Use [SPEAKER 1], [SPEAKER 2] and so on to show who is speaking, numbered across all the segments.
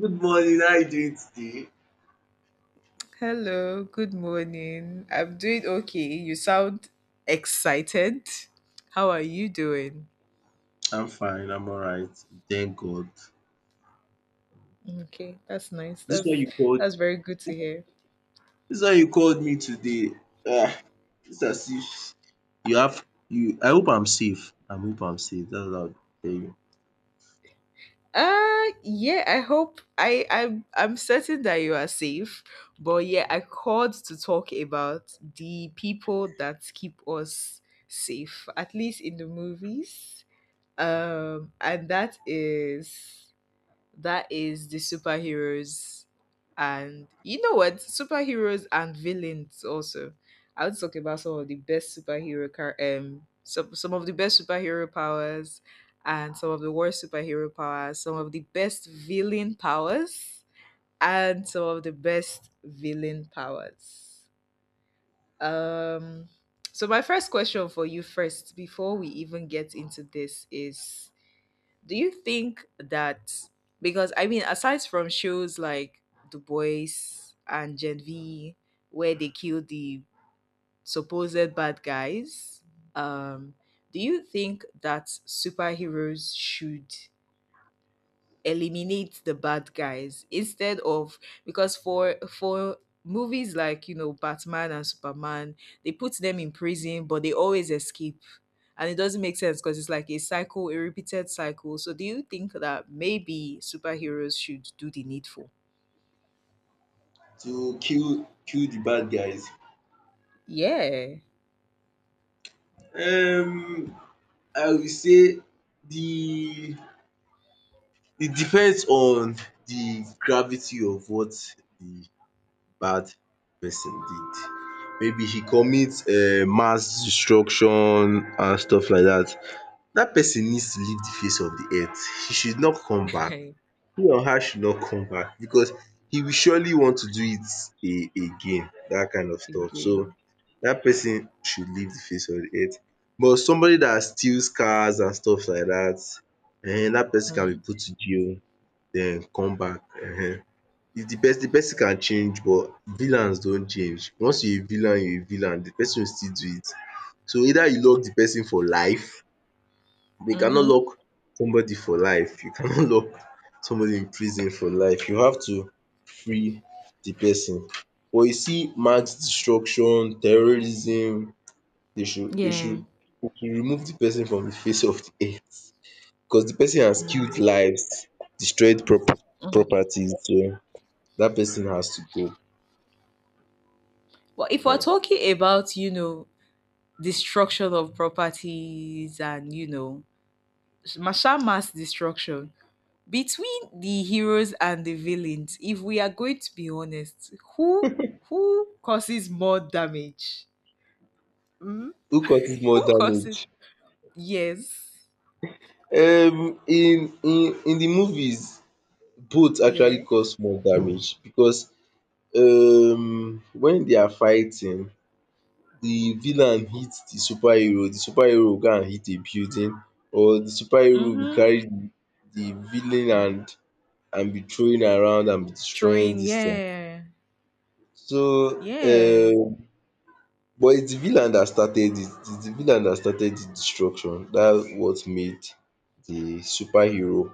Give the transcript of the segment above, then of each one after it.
[SPEAKER 1] Good morning. How are you doing today?
[SPEAKER 2] Hello, good morning. I'm doing okay. You sound excited. How are you doing?
[SPEAKER 1] I'm fine. I'm all right. Thank God.
[SPEAKER 2] Okay, that's nice.
[SPEAKER 1] This one
[SPEAKER 2] That's
[SPEAKER 1] you called.
[SPEAKER 2] that's very good to hear.
[SPEAKER 1] This one you called me today. Ah, it's as if You have you. I hope I'm safe. I hope I'm safe. That's what I'll tell you.
[SPEAKER 2] Yeah, I hope I'm certain that you are safe. But yeah, I called to talk about the people that keep us safe, at least in the movies. And that is That is the superheroes and you know what? Superheroes and villains also. I would talk about some of the best superhero car some of the best superhero powers and some of the worst superhero powers, some of the best villain powers and some of the best villain powers. Um so my first question for you first before we even get into this is do you think that, because I mean aside from shows like Du Bois and Gen V where they kill the supposed bad guys, um, do you think that superheroes should eliminate the bad guys instead of, because for movies like you know Batman and Superman, they put them in prison but they always escape. And it doesn't make sense because it's like a cycle, a repeated cycle. So do you think that maybe superheroes should do the needful?
[SPEAKER 1] To kill the bad guys.
[SPEAKER 2] Yeah.
[SPEAKER 1] Um, I will say the it depends on the gravity of what the bad person did. Maybe he commits mass destruction and stuff like dat. Dat person needs to leave the face of the earth. He should not come back. He or her should not come back because he will surely want to do it a again. Dat kind of stuff. So
[SPEAKER 2] Again.
[SPEAKER 1] dat person should leave the face of the earth. But somebody dat steals cars and stuff like dat, dat person can be
[SPEAKER 2] Hmm.
[SPEAKER 1] put to jail and come back if the person can change, but villains don't change. Once you are a villain, you are a villain, the person will still do it. So either you lock the person for life, you cannot
[SPEAKER 2] Mm-hmm.
[SPEAKER 1] lock somebody for life, you cannot lock somebody in prison for life. You have to free the person. But you see mass destruction, terrorism, they should they should
[SPEAKER 2] Yeah.
[SPEAKER 1] they should remove the person from the face of the earth because the person has
[SPEAKER 2] Mm,
[SPEAKER 1] killed lives, destroyed prop
[SPEAKER 2] mm.
[SPEAKER 1] properties so dat person has to go.
[SPEAKER 2] Well, if we're
[SPEAKER 1] um
[SPEAKER 2] talking about, you know, destruction of properties and, you know, Masha mass destruction between the heroes and the villains, if we are going to be honest, who causes more damage? Hmm?
[SPEAKER 1] who causes more
[SPEAKER 2] Who
[SPEAKER 1] damage?
[SPEAKER 2] causes, yes,
[SPEAKER 1] In the movies, both
[SPEAKER 2] yeah,
[SPEAKER 1] actually cause more damage because when they are fighting, the villain hit the superhero will go and hit a building, or the superhero go
[SPEAKER 2] mm-hmm,
[SPEAKER 1] carry the villain and be throwing around and be destroying
[SPEAKER 2] throwing,
[SPEAKER 1] dis thing.
[SPEAKER 2] yeah,
[SPEAKER 1] So
[SPEAKER 2] yeah,
[SPEAKER 1] um but it's the villain that started it, it's the villain that started the destruction, that's what made the superhero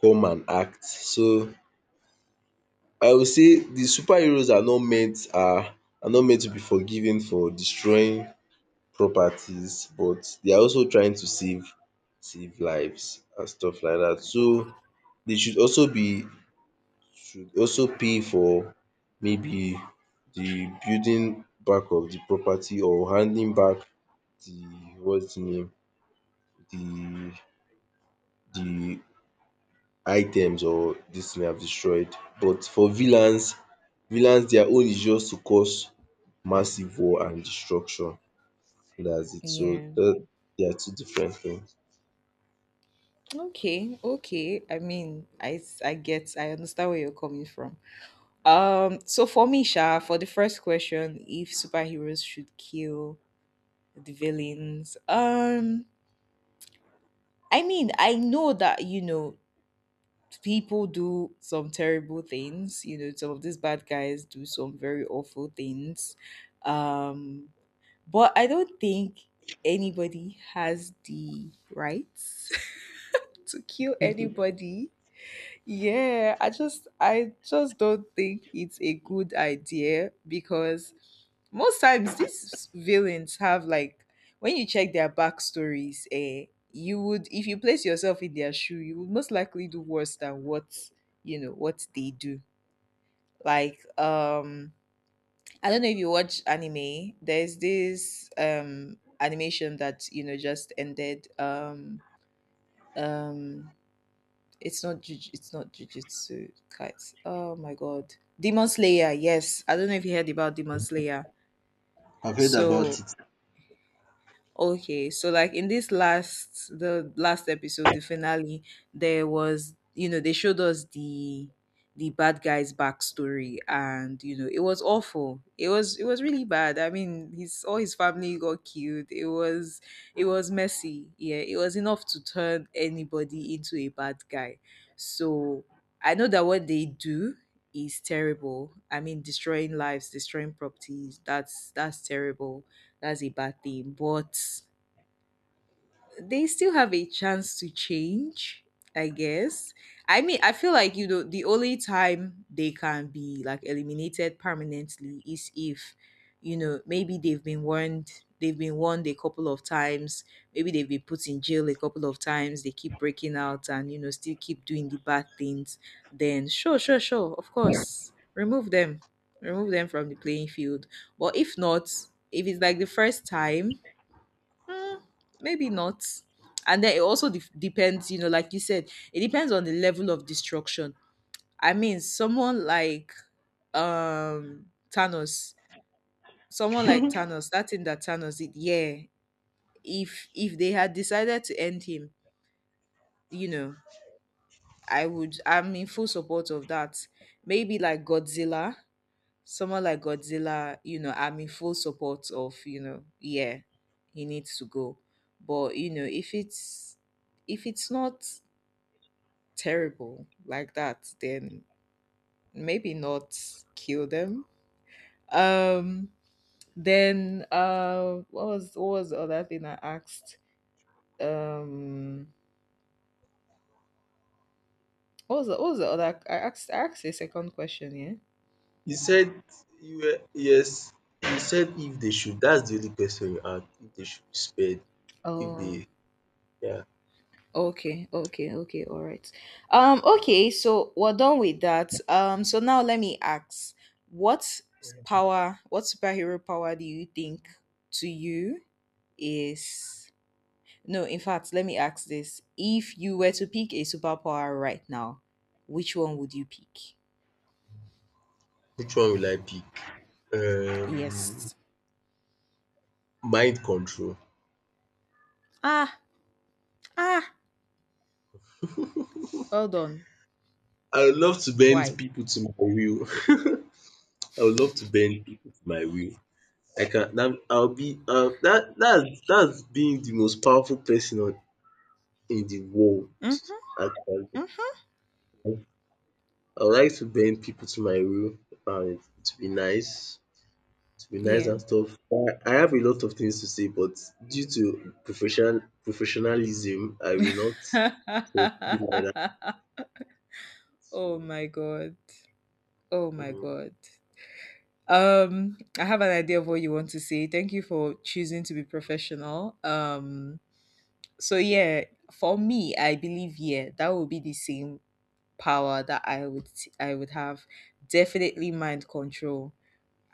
[SPEAKER 1] come and act. So I will say de superheroes are not meant to be forgiven for destroying properties, but they are also trying to save lives and stuff like dat.
[SPEAKER 2] like,
[SPEAKER 1] So dey
[SPEAKER 2] mm,
[SPEAKER 1] should also pay for, maybe, de building back of de property, or handing back de, what's de name, de items or dis thing have destroyed. But for villains, villains their own is just to cause massive war and destruction. That's it. So
[SPEAKER 2] yeah.
[SPEAKER 1] that, they are two different things.
[SPEAKER 2] Okay, okay, I mean I get, I understand where you're coming from. So for me sha, for the first question, if superheroes should kill the villains. I mean, I know that, you know, people do some terrible things. You know, some of these bad guys do some very awful things. Um, but I don't think anybody has the rights to kill anybody. Yeah, I just don't think it's a good idea because most times these villains have, like, when you check their backstories, eh, you would, if you place yourself in their shoe, you would most likely do worse than what, you know, what they do. Like um I don't know if you watch anime, there's this animation that you know just ended um it's not juj- it's not Jujutsu Kaisen. Oh my god. Demon Slayer, yes. I don't know if you heard about Demon Slayer.
[SPEAKER 1] I've heard about
[SPEAKER 2] So
[SPEAKER 1] it.
[SPEAKER 2] okay, so like in this last the last episode, the finale, there was, you know, they showed us the bad guy's backstory, and you know, it was awful. It was, it was really bad. I mean, his, all his family got killed. It was, it was messy. Yeah, it was enough to turn anybody into a bad guy. So I know that what they do is terrible. I mean, destroying lives, destroying properties. That's terrible, that's a bad thing. But they still have a chance to change, I guess. I mean, I feel like, you know, the only time they can be like eliminated permanently is if, you know, maybe they've been warned a couple of times, maybe they've been put in jail a couple of times, they keep breaking out and you know still keep doing the bad things. Then sure, sure, sure, of course, remove them from the playing field. But if not, if it's like the first time, mm, maybe not. And then it also depends, you know, like you said, it depends on the level of destruction. I mean, someone like um Thanos, someone like Thanos, that thing that Thanos did, yeah. If they had decided to end him, you know, I would, I'm in full support of that. Maybe like Godzilla, someone like Godzilla, you know, I'm in full support of, you know, yeah, he needs to go. But you know, if it's, if it's not terrible like that, then maybe not kill them. Um then what was the other thing I asked? Um what was the, what was the other I asked a second question, yeah?
[SPEAKER 1] You said, you were yes, you said if they should, that's the only question you asked. If they should be spared, if
[SPEAKER 2] Oh,
[SPEAKER 1] they yeah.
[SPEAKER 2] okay, okay, okay, all right. Okay, so we're done with that. So now let me ask, what s- power, what superhero power do you think, to you, is? No, in fact, let me ask this. If you were to pick a superpower right now, which one would you pick?
[SPEAKER 1] Which one will I pick? um
[SPEAKER 2] Yes.
[SPEAKER 1] Mind control.
[SPEAKER 2] Ah, ah, well done.
[SPEAKER 1] I would love to bend
[SPEAKER 2] Why?
[SPEAKER 1] people to my will. I would love to bend people to my will. I'll be, that's being the most powerful person on in the world,
[SPEAKER 2] Mm,
[SPEAKER 1] actually.
[SPEAKER 2] mhm,
[SPEAKER 1] I would like to bend people to my will and to be nice,
[SPEAKER 2] yeah.
[SPEAKER 1] and stuff. I have a lot of things to say, but due to professionalism, I will not say it like that.
[SPEAKER 2] Oh
[SPEAKER 1] So,
[SPEAKER 2] my god. Oh my
[SPEAKER 1] mhm.
[SPEAKER 2] god. I have an idea of what you want to say. Thank you for choosing to be professional. So yeah, for me, I believe, yeah, that would be the same power that I would have. Definitely mind control.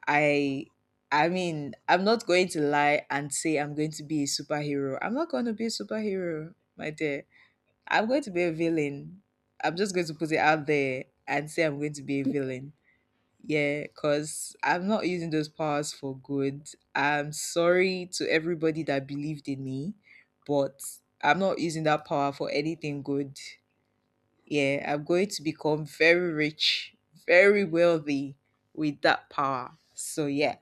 [SPEAKER 2] I I mean, I'm not going to lie and say I'm going to be a superhero. I'm not going to be a superhero, my dear. I'm going to be a villain. I'm just going to put it out there and say I'm going to be a villain. Yeah, because I'm not using those powers for good. I'm sorry to everybody that believed in me, but I'm not using that power for anything good. Yeah, I'm going to become very rich, very wealthy with that power. So yeah,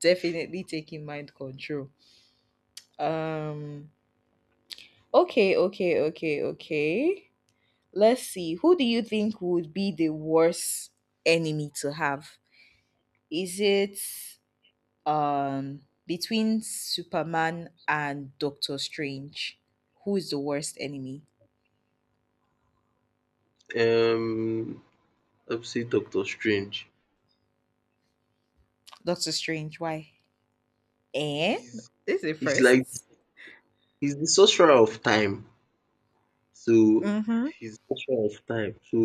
[SPEAKER 2] definitely taking mind control. Um okay, okay, okay, okay. Let's see. Who do you think would be the worst enemy to have? Is it between Superman and Doctor Strange. Who is the worst enemy?
[SPEAKER 1] Um, I'd say Doctor Strange.
[SPEAKER 2] Doctor Strange. Why? Eh?
[SPEAKER 1] He's
[SPEAKER 2] This is it
[SPEAKER 1] he's like
[SPEAKER 2] first.
[SPEAKER 1] he's the sorcerer of time. So
[SPEAKER 2] Mm-hmm.
[SPEAKER 1] she's pressure of time. So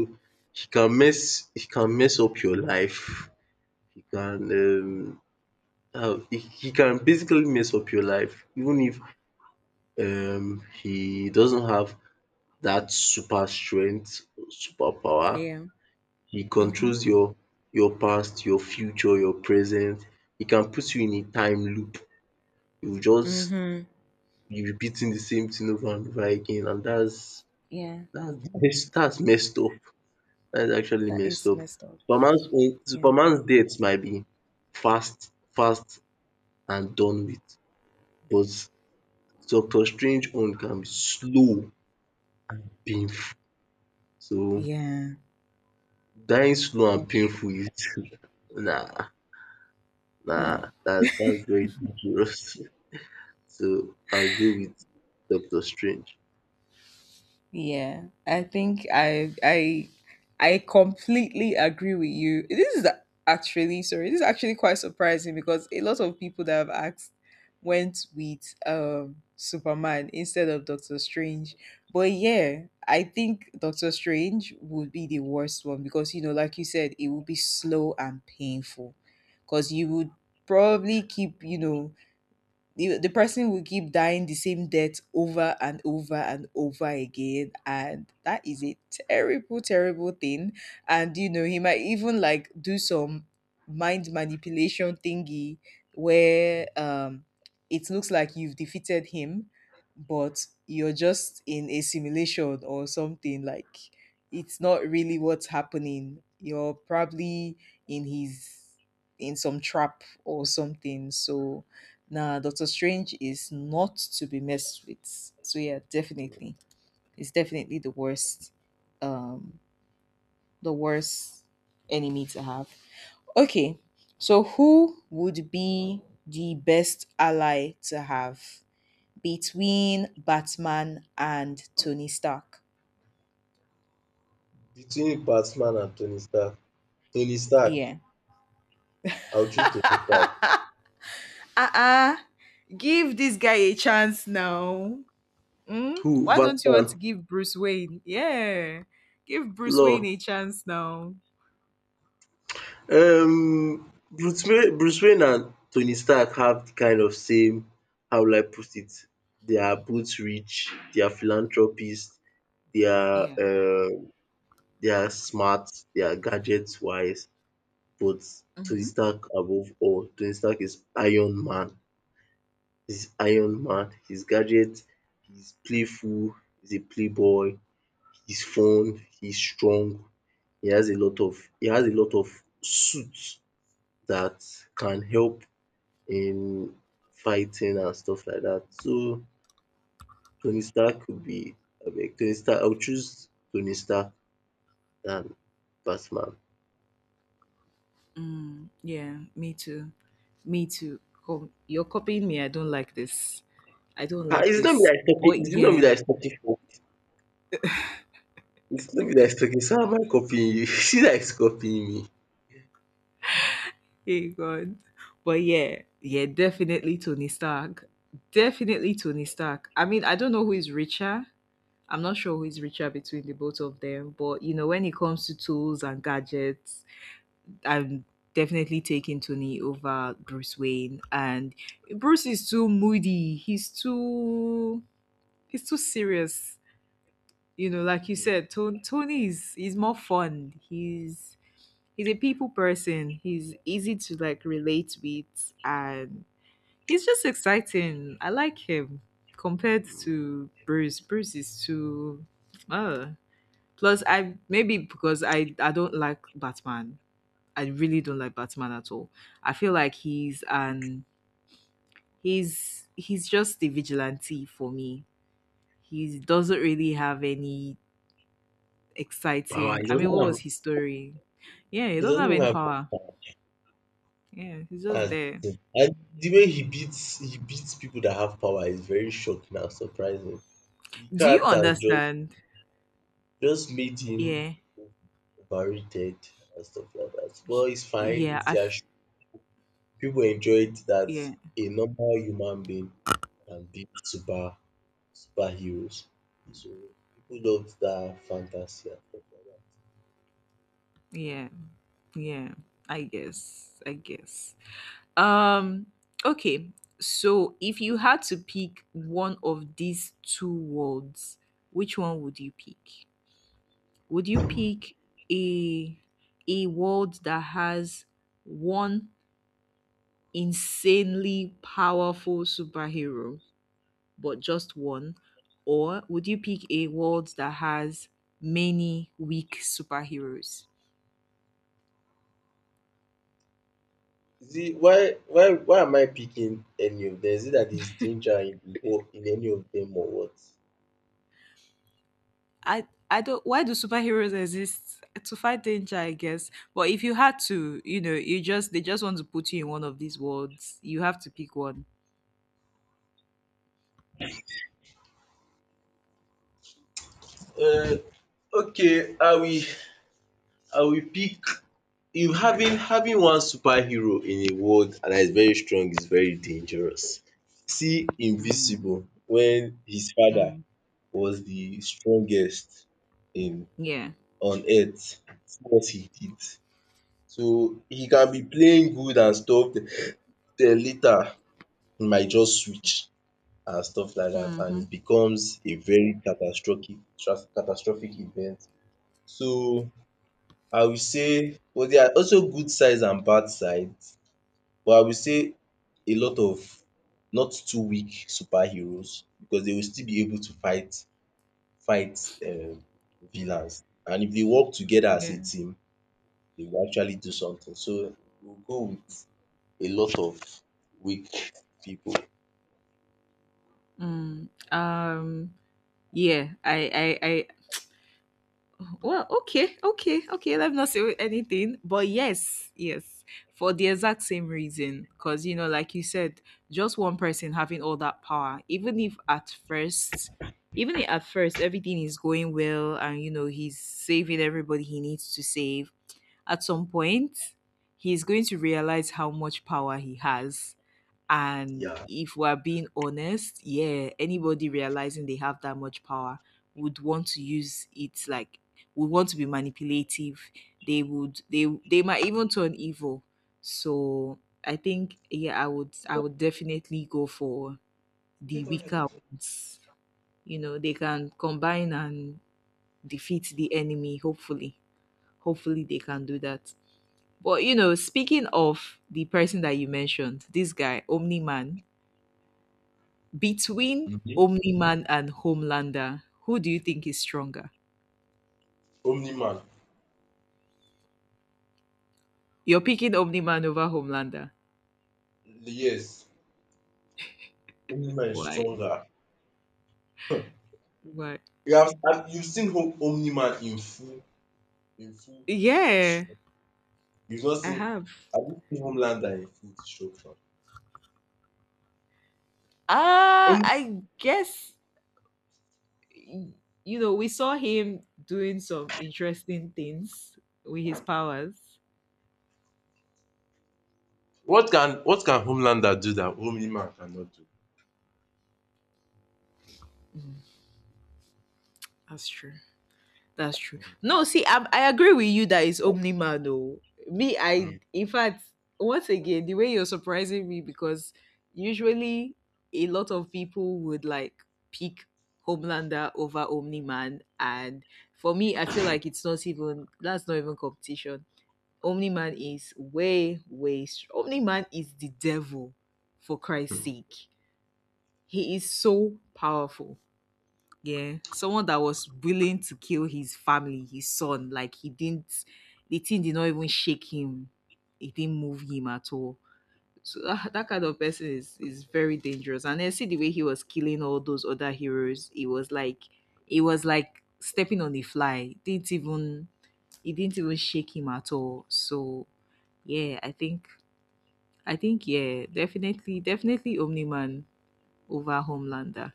[SPEAKER 1] he can mess up your life. He can how he can basically mess up your life even if he doesn't have that super strength, super power.
[SPEAKER 2] Yeah.
[SPEAKER 1] He
[SPEAKER 2] Mm-hmm.
[SPEAKER 1] controls your past, your future, your present. He can put you in a time loop. You just
[SPEAKER 2] Mm-hmm.
[SPEAKER 1] be repeating the same thing over and over again, and that's
[SPEAKER 2] Yeah.
[SPEAKER 1] that's that's messed up. That's actually
[SPEAKER 2] That
[SPEAKER 1] messed
[SPEAKER 2] is
[SPEAKER 1] up.
[SPEAKER 2] messed up. Yeah.
[SPEAKER 1] Superman's death might be fast and done with, but Doctor Strange own can be slow, painful. So
[SPEAKER 2] Yeah.
[SPEAKER 1] dying slow and
[SPEAKER 2] That's true.
[SPEAKER 1] painful is nah, nah,
[SPEAKER 2] No.
[SPEAKER 1] that's very dangerous. So I'll go with Doctor Strange.
[SPEAKER 2] Yeah, I think I completely agree with you. This is actually, sorry, this is actually quite surprising because a lot of people that have asked went with Superman instead of Doctor Strange. But yeah, I think Doctor Strange would be the worst one because you know, like you said, it would be slow and painful. Because you would probably keep, you know, the person will keep dying the same death over and over and over again, and that is a terrible, terrible thing. And you know, he might even like do some mind manipulation thingy where it looks like you've defeated him, but you're just in a simulation or something, like it's not really what's happening, you're probably in his, in some trap or something. So now Doctor Strange is not to be messed with. So yeah, definitely, it's definitely um, the worst enemy to have. Okay, so who would be the best ally to have between Batman and Tony Stark?
[SPEAKER 1] Between Batman and Tony Stark. Tony Stark.
[SPEAKER 2] Yeah.
[SPEAKER 1] I'll choose Tony Stark.
[SPEAKER 2] Uh-uh. Give this guy a chance now. Mm?
[SPEAKER 1] Who?
[SPEAKER 2] Why don't you want
[SPEAKER 1] Batman?
[SPEAKER 2] to give Bruce Wayne? Yeah. Give Bruce Wayne
[SPEAKER 1] Lor
[SPEAKER 2] a chance now.
[SPEAKER 1] um bruce Wayne and Tony Stark have di kind of same, how will I put it? They are both rich. They are philanthropists. They dia
[SPEAKER 2] Yeah.
[SPEAKER 1] They are smart. They are gadgets wise. But Tony
[SPEAKER 2] Mm-hmm.
[SPEAKER 1] Stark, above all, Tony Stark is Iron Man. He's Iron Man, he's gadget, he's playful, he's a playboy, he's fun, he's strong, he has a lot of suits that can help in fighting and stuff like that. So Tony Stark would be I beg, Tony Stark. I would choose Tony Stark than Batman.
[SPEAKER 2] Mm, yeah, me too. Me too. Com- You're copying me. I don't like this. I don't
[SPEAKER 1] Ah,
[SPEAKER 2] like
[SPEAKER 1] it's not me
[SPEAKER 2] this.
[SPEAKER 1] that is talking.
[SPEAKER 2] But
[SPEAKER 1] It's not me
[SPEAKER 2] yeah.
[SPEAKER 1] that is talking for. It's not me that is talking. So am I copying you? You see, that is copying me.
[SPEAKER 2] Hey, God. But yeah. Yeah, definitely Tony Stark. Definitely Tony Stark. I mean, I don't know who is richer. I'm not sure who is richer between the both of them. But, you know, when it comes to tools and gadgets, I'm definitely taking Tony over Bruce Wayne. And Bruce is too moody. He's too serious. You know, like you said, Tony, Tony is, he's more fun. He's a people person. He's easy to like relate with, and he's just exciting. I like him compared to Bruce. Bruce is too. Uh, plus, I, maybe because I don't like Batman, I really don't like Batman at all. I feel like he's just a vigilante for me. He doesn't really have any
[SPEAKER 1] Wow,
[SPEAKER 2] exciting.
[SPEAKER 1] he
[SPEAKER 2] I mean, what
[SPEAKER 1] doesn't have.
[SPEAKER 2] was his story? Yeah, he
[SPEAKER 1] He
[SPEAKER 2] doesn't
[SPEAKER 1] doesn't
[SPEAKER 2] have
[SPEAKER 1] even
[SPEAKER 2] any
[SPEAKER 1] have much
[SPEAKER 2] power.
[SPEAKER 1] power.
[SPEAKER 2] Yeah, he's just
[SPEAKER 1] That's
[SPEAKER 2] there.
[SPEAKER 1] the thing. And the way he beats people that have power is very shocking and surprising. The
[SPEAKER 2] Do you
[SPEAKER 1] character
[SPEAKER 2] understand?
[SPEAKER 1] just made him
[SPEAKER 2] Yeah,
[SPEAKER 1] overrated and stuff like that. But it's fine.
[SPEAKER 2] yeah.
[SPEAKER 1] It's
[SPEAKER 2] I
[SPEAKER 1] their
[SPEAKER 2] f-
[SPEAKER 1] show. People enjoyed that
[SPEAKER 2] yeah,
[SPEAKER 1] a normal human being can be superheroes. So people loved that fantasy and stuff like
[SPEAKER 2] yeah, yeah. I guess. I guess. Um. Okay. So, if you had to pick one of these two worlds, which one would you pick? Would you pick a a world that has one insanely powerful superhero, but just one, or would you pick a world that has many weak superheroes?
[SPEAKER 1] that. Is it why am I picking any of them? Is it that there's danger in any of them or what?
[SPEAKER 2] I don't, why do superheroes exist? To fight danger, I guess. But if you had to, you know, you just, they just want to put you in one of these worlds. You have to pick one.
[SPEAKER 1] Uh, okay, I will pick you having one superhero in a world that is very strong is very dangerous. See
[SPEAKER 2] Mm,
[SPEAKER 1] Invincible when his father
[SPEAKER 2] mm,
[SPEAKER 1] was the strongest in
[SPEAKER 2] yeah.
[SPEAKER 1] on earth. See what he did. So he can be playing good and stuff, then later he might just switch and stuff like that, and
[SPEAKER 2] Mm-hmm.
[SPEAKER 1] it becomes a very catastrophic catastrophic event. So I will say, but there are also good sides and bad sides. But I will say a lot of not too weak superheroes, because they will still be able to fight um villains, and if they work together as
[SPEAKER 2] Yeah.
[SPEAKER 1] a team, they will actually do something. So we'll go with a lot of weak people.
[SPEAKER 2] Mm, um, yeah, well, okay, okay, okay, let me not say anything, but yes, yes, for the exact same reason. Because, you know, like you said, just one person having all that power, even if at first, everything is going well and, you know, he's saving everybody he needs to save, at some point, he's going to realize how much power he has. And
[SPEAKER 1] Yeah.
[SPEAKER 2] if we're being honest, yeah, anybody realizing they have that much power would want to use it, would want to be manipulative. They they might even turn evil. So I think, yeah, I would definitely go for the weaker ones. You know, they can combine and defeat the enemy, hopefully. Hopefully they can do that. But you know, speaking of the person that you mentioned, this guy, Omni Man. Between
[SPEAKER 1] Mhm.
[SPEAKER 2] Omni-Man and Homelander, who do you think is stronger?
[SPEAKER 1] Omni Man.
[SPEAKER 2] You're picking Omni-Man over Homelander.
[SPEAKER 1] Yes, Omni Man is
[SPEAKER 2] Why?
[SPEAKER 1] stronger. Hmm.
[SPEAKER 2] Why?
[SPEAKER 1] You have You've seen Home Omni Man in full, in full
[SPEAKER 2] Yeah,
[SPEAKER 1] destruction. You've not
[SPEAKER 2] I
[SPEAKER 1] seen
[SPEAKER 2] have.
[SPEAKER 1] Have you seen Homelander in full destruction?
[SPEAKER 2] I guess, y- you know, we saw him doing some interesting things with his powers.
[SPEAKER 1] What can Homelander do that Omni-Man cannot do?
[SPEAKER 2] Mm, that's true. That's true. No, see, I agree with you that it's Omniman though. Me, I,
[SPEAKER 1] Mm.
[SPEAKER 2] in fact, once again, the way you're surprising me, because usually a lot of people would pick Homelander over Omniman, and for me, I feel like it's not even, that's not even competition. Omniman is Omniman is the devil, for Christ's sake. He is so powerful. Yeah, someone that was willing to kill his family, his son. He didn't, the thing did not even shake him. It didn't move him at all. So that kind of person is very dangerous. And then see the way he was killing all those other heroes. It was like stepping on a fly. It didn't even, it didn't even shake him at all. So yeah, I think, yeah, definitely, definitely Omni Man over Homelander.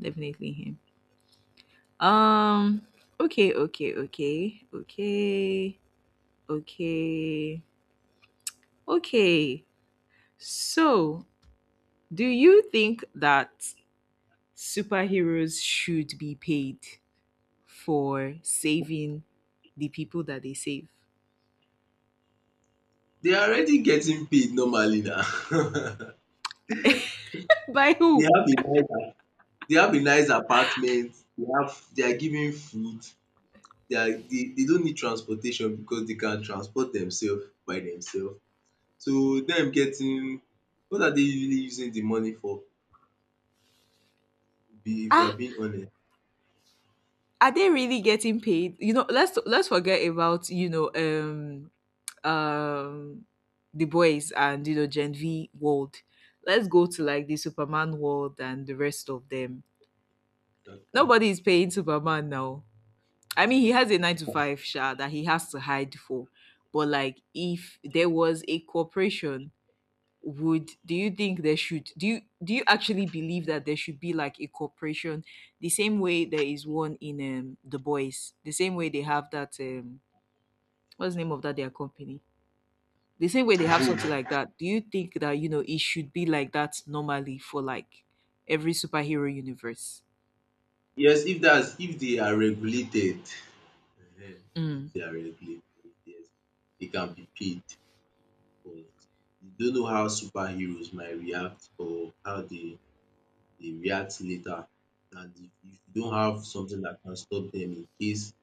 [SPEAKER 2] Definitely him. Um. Okay. Okay. Okay. Okay. Okay. Okay. So, do you think that superheroes should be paid for saving the people that they save?
[SPEAKER 1] They are already getting paid normally now.
[SPEAKER 2] By
[SPEAKER 1] They
[SPEAKER 2] who?
[SPEAKER 1] have a nice apartment, they are giving food, they are they don't need transportation because they can transport themselves by themselves. So them getting what are they really using the money for? Be If we are
[SPEAKER 2] Ah,
[SPEAKER 1] being honest.
[SPEAKER 2] are they really getting paid? You know, let's forget about um the boys and, you know, Gen V world. Let's go to like the Superman world and the rest of them.
[SPEAKER 1] Okay.
[SPEAKER 2] Nobody is paying Superman now. I mean, he has a nine to five sha that he has to hide for. But like, if there was a corporation, would do you think there should, do you actually believe that there should be like a corporation the same way there is one in, um, the boys, the same way they have that, what's the name of that, their company, the same way they have something
[SPEAKER 1] Book.
[SPEAKER 2] like that. Do you think that, you know, it should be like that normally for like every superhero universe?
[SPEAKER 1] Yes, if they are regulated. Ehen. If
[SPEAKER 2] Mm.
[SPEAKER 1] they are regulated, yes, they can be paid. But you don't know how superheroes might react, or how they react later. And if you don't have something that can stop them in case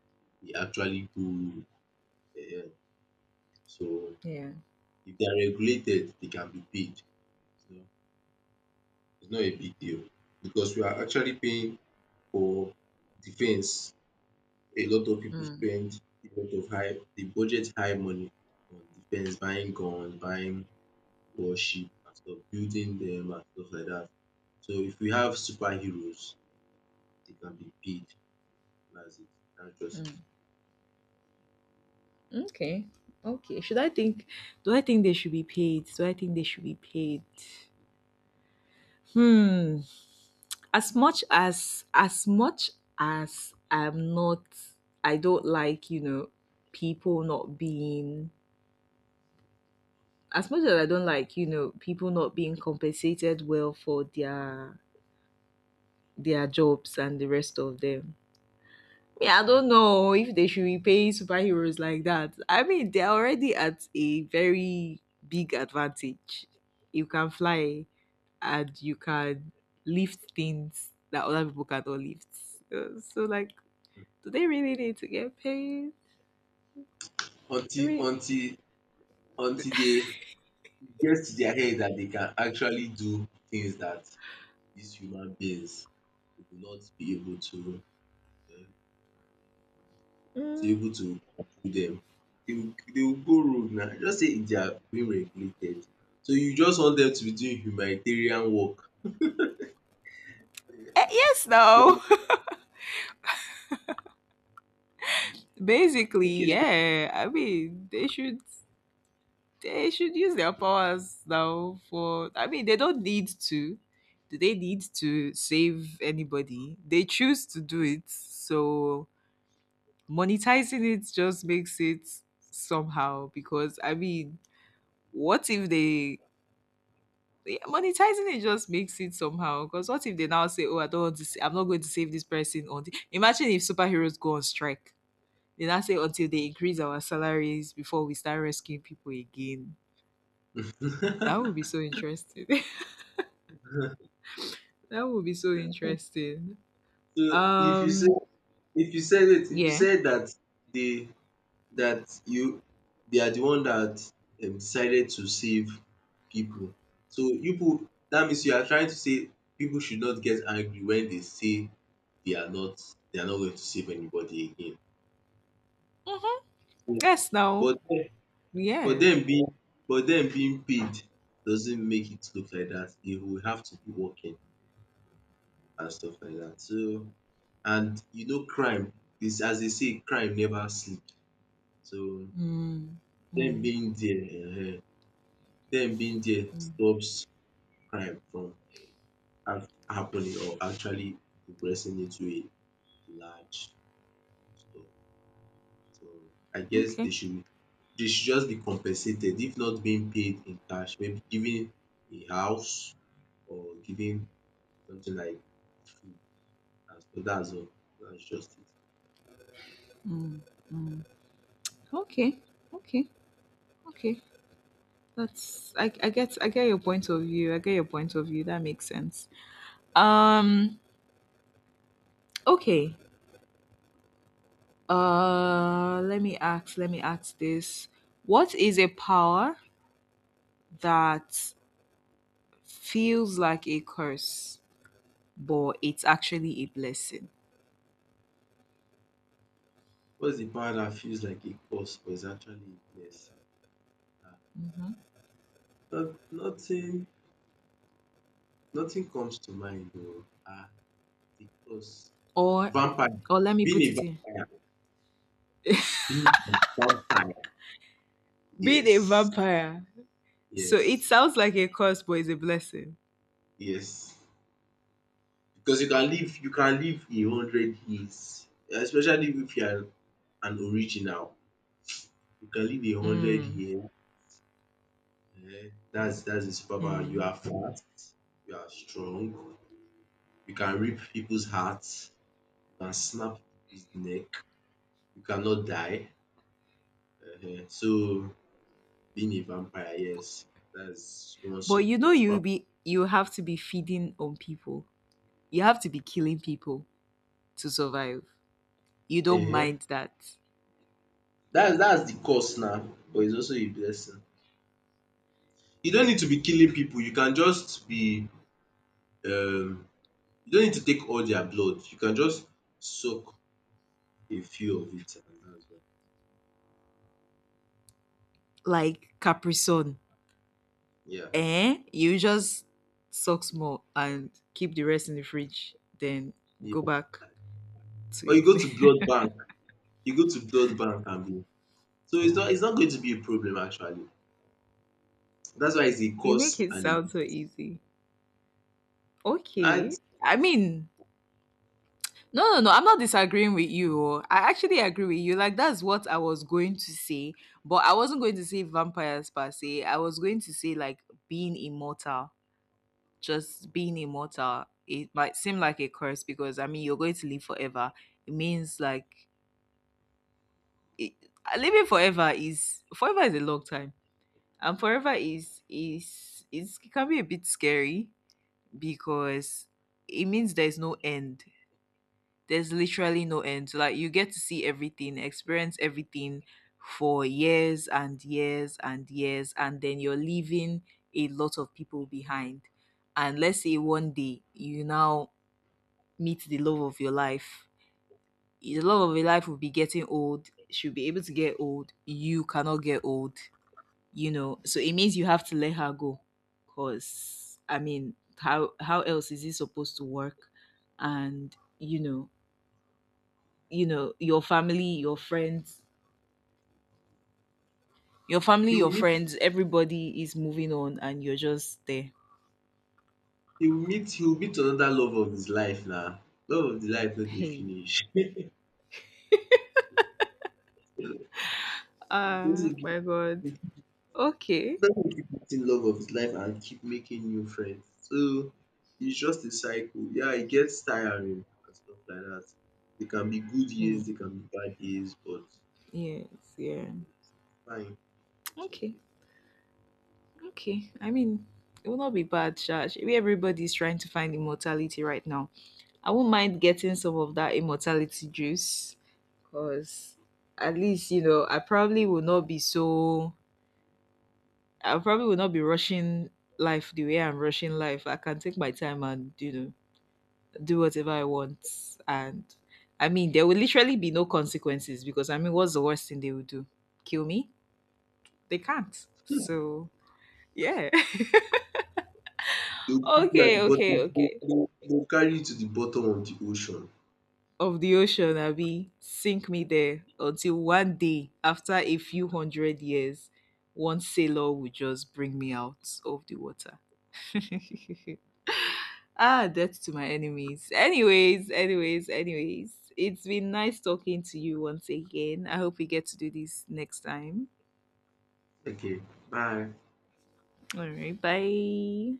[SPEAKER 1] they actually go, so
[SPEAKER 2] Yeah.
[SPEAKER 1] if they are regulated, they can be paid. So it's not a big deal, because we are actually paying for defense. A lot of people
[SPEAKER 2] Mm.
[SPEAKER 1] spend a lot of high, they budget high money on defense, buying guns, buying worship and stuff, building them and stuff like that. So if we have superheroes, they can be big. That's it. That's just it.
[SPEAKER 2] Mm. Okay. Okay. Should I think Do I think they should be paid? Do I think they should be paid? Hmm. As much as I'm not, I don't like, you know, people not being as much as I don't like, you know, people not being compensated well for their jobs and the rest of them. Me, I don't know if they should be paying superheroes like that. I mean, they're already at a very big advantage. You can fly and you can lift things that other people cannot lift. So, like, do they really need to get paid? I mean,
[SPEAKER 1] Until until until they get to their head that they can actually do things that these human beings will not be able to to
[SPEAKER 2] mm,
[SPEAKER 1] able to do them. They will go rogue now. Just say they are being regulated. So you just want them to be doing humanitarian work.
[SPEAKER 2] eh, yes, no. Basically,
[SPEAKER 1] Okay.
[SPEAKER 2] yeah. I mean, they should. They should use their powers now for, I mean, they don't need to, do they need to save anybody? They choose to do it. So monetizing it just makes it somehow, because, I mean, what if they yeah, monetizing it just makes it somehow, because what if they now say, oh, I don't want to I'm not going to save this person on the-" Imagine if superheroes go on strike, they now say, until they increase our salaries, before we start rescuing people again. That would be so interesting. That would be so interesting.
[SPEAKER 1] So if you say
[SPEAKER 2] Um,
[SPEAKER 1] if you said it if you
[SPEAKER 2] yeah.
[SPEAKER 1] said that they that you they are the one that decided to save people. So you put that means you are trying to say people should not get angry when they say they are not they are not going to save anybody again.
[SPEAKER 2] Mm-hmm.
[SPEAKER 1] Yeah.
[SPEAKER 2] Yes, no.
[SPEAKER 1] But then, but
[SPEAKER 2] Yeah.
[SPEAKER 1] them being but them being paid doesn't make it look like that. They will have to be working and stuff like that. So, and you know crime is as they say, crime never sleeps. So
[SPEAKER 2] Mm,
[SPEAKER 1] them
[SPEAKER 2] mm,
[SPEAKER 1] being there, um dem being there
[SPEAKER 2] mm.
[SPEAKER 1] stops crime from happening, or actually progressing into a large store. So I guess
[SPEAKER 2] Okay.
[SPEAKER 1] they should just be compensated, if not being paid in cash, maybe giving a house or giving something like food and stuff. Dats all, that's just it.
[SPEAKER 2] Mm, mm. Okay. Okay. Okay. That's I get, I get your point of view. I get your point of view. That makes sense. Um okay. Let me ask this. What is a power that feels like a curse, but it's actually a blessing?
[SPEAKER 1] What's the power that feels like a curse but is actually a blessing?
[SPEAKER 2] Mm-hmm.
[SPEAKER 1] um nothing Nothing comes to mind, oo. Because,
[SPEAKER 2] Or,
[SPEAKER 1] vampire
[SPEAKER 2] let me
[SPEAKER 1] being
[SPEAKER 2] put
[SPEAKER 1] a
[SPEAKER 2] it in.
[SPEAKER 1] vampire, being a vampire.
[SPEAKER 2] Being a
[SPEAKER 1] Yes,
[SPEAKER 2] vampire. So it
[SPEAKER 1] yes,
[SPEAKER 2] sounds like a curse, but it's a blessing.
[SPEAKER 1] yes. Because you can live 100 years, especially if you are an original. You can live a hundred
[SPEAKER 2] Mm,
[SPEAKER 1] years. Eh. That's a superpower. You
[SPEAKER 2] mm.
[SPEAKER 1] are fat, you are strong. You can rip people's hearts. You can snap people's neck. You cannot die. Eh. So being a vampire, yes, that's one
[SPEAKER 2] But, you know,
[SPEAKER 1] super.
[SPEAKER 2] you have to be feeding on people. You have to be killing people to survive. You don't
[SPEAKER 1] Eh,
[SPEAKER 2] mind that.
[SPEAKER 1] That's the curse now, but it's also a blessing. You don't need to be killing people. You can just be um you don't need to take all their blood. You can just suck a few of it, and that's all.
[SPEAKER 2] Like Capri Sun.
[SPEAKER 1] Yeah.
[SPEAKER 2] Eh? You just suck small and keep the rest in the fridge, then
[SPEAKER 1] Yeah.
[SPEAKER 2] go back
[SPEAKER 1] Or
[SPEAKER 2] to
[SPEAKER 1] you go to
[SPEAKER 2] it.
[SPEAKER 1] blood bank. You go to blood bank, and be so it's not going to be a problem, actually. That's why it's a
[SPEAKER 2] You make
[SPEAKER 1] curse
[SPEAKER 2] it
[SPEAKER 1] and a
[SPEAKER 2] sound so easy. Okay.
[SPEAKER 1] and
[SPEAKER 2] I mean, no, no, no. I'm not disagreeing with you. Oh. I actually agree with you. Like, that's what I was going to say, but I wasn't going to say vampires per se. I was going to say like being immortal. Just being immortal. It might seem like a curse, because I mean, you're going to live forever. It means it, living forever is, forever is a long time, and forever is, it can be a bit scary, because it means there's no end, there's literally no end. Like, you get to see everything, experience everything for years and years and years, and then you're leaving a lot of people behind. And let's say one day you now meet the love of your life. The love of your life will be getting old. She'll be able to get old. You cannot get old. You know, so it means you have to let her go. Cause I mean, how else is it supposed to work? And you know, you know your family your friends your family,
[SPEAKER 1] he will
[SPEAKER 2] your friends, everybody is moving on, and you're just there.
[SPEAKER 1] meet another love of his life now. Love of the life no dey
[SPEAKER 2] Hey.
[SPEAKER 1] finish.
[SPEAKER 2] Ah,
[SPEAKER 1] Basically,
[SPEAKER 2] my god. Okay.
[SPEAKER 1] let him keep meeting love of his life and keep making new friends. So it's just a cycle. Yeah, it gets tiring and stuff like that. They can be good
[SPEAKER 2] Hmm.
[SPEAKER 1] years, they can be bad years, but
[SPEAKER 2] Yes. Yeah.
[SPEAKER 1] fine, it's
[SPEAKER 2] Okay,
[SPEAKER 1] okay.
[SPEAKER 2] okay, I mean, it will not be bad Shash. Maybe everybody's trying to find immortality right now. I won't mind getting some of that immortality juice, because at least, you know, I probably will not be rushing life the way I'm rushing life. I can take my time and, you know, do whatever I want. And I mean, there will literally be no consequences, because I mean, what's the worst thing they will do? Kill me? They can't. So yeah.
[SPEAKER 1] They'll put you at
[SPEAKER 2] Okay,
[SPEAKER 1] the
[SPEAKER 2] okay,
[SPEAKER 1] bottom,
[SPEAKER 2] okay.
[SPEAKER 1] they'll carry you to the bottom of the ocean.
[SPEAKER 2] Of the ocean, I be sink me there until one day, after a few hundred years, one sailor will just bring me out of the water. Ah, death to my enemies. Anyways, anyways, anyways. It's been nice talking to you once again. I hope we get to do this next time.
[SPEAKER 1] Okay, bye.
[SPEAKER 2] All right, bye.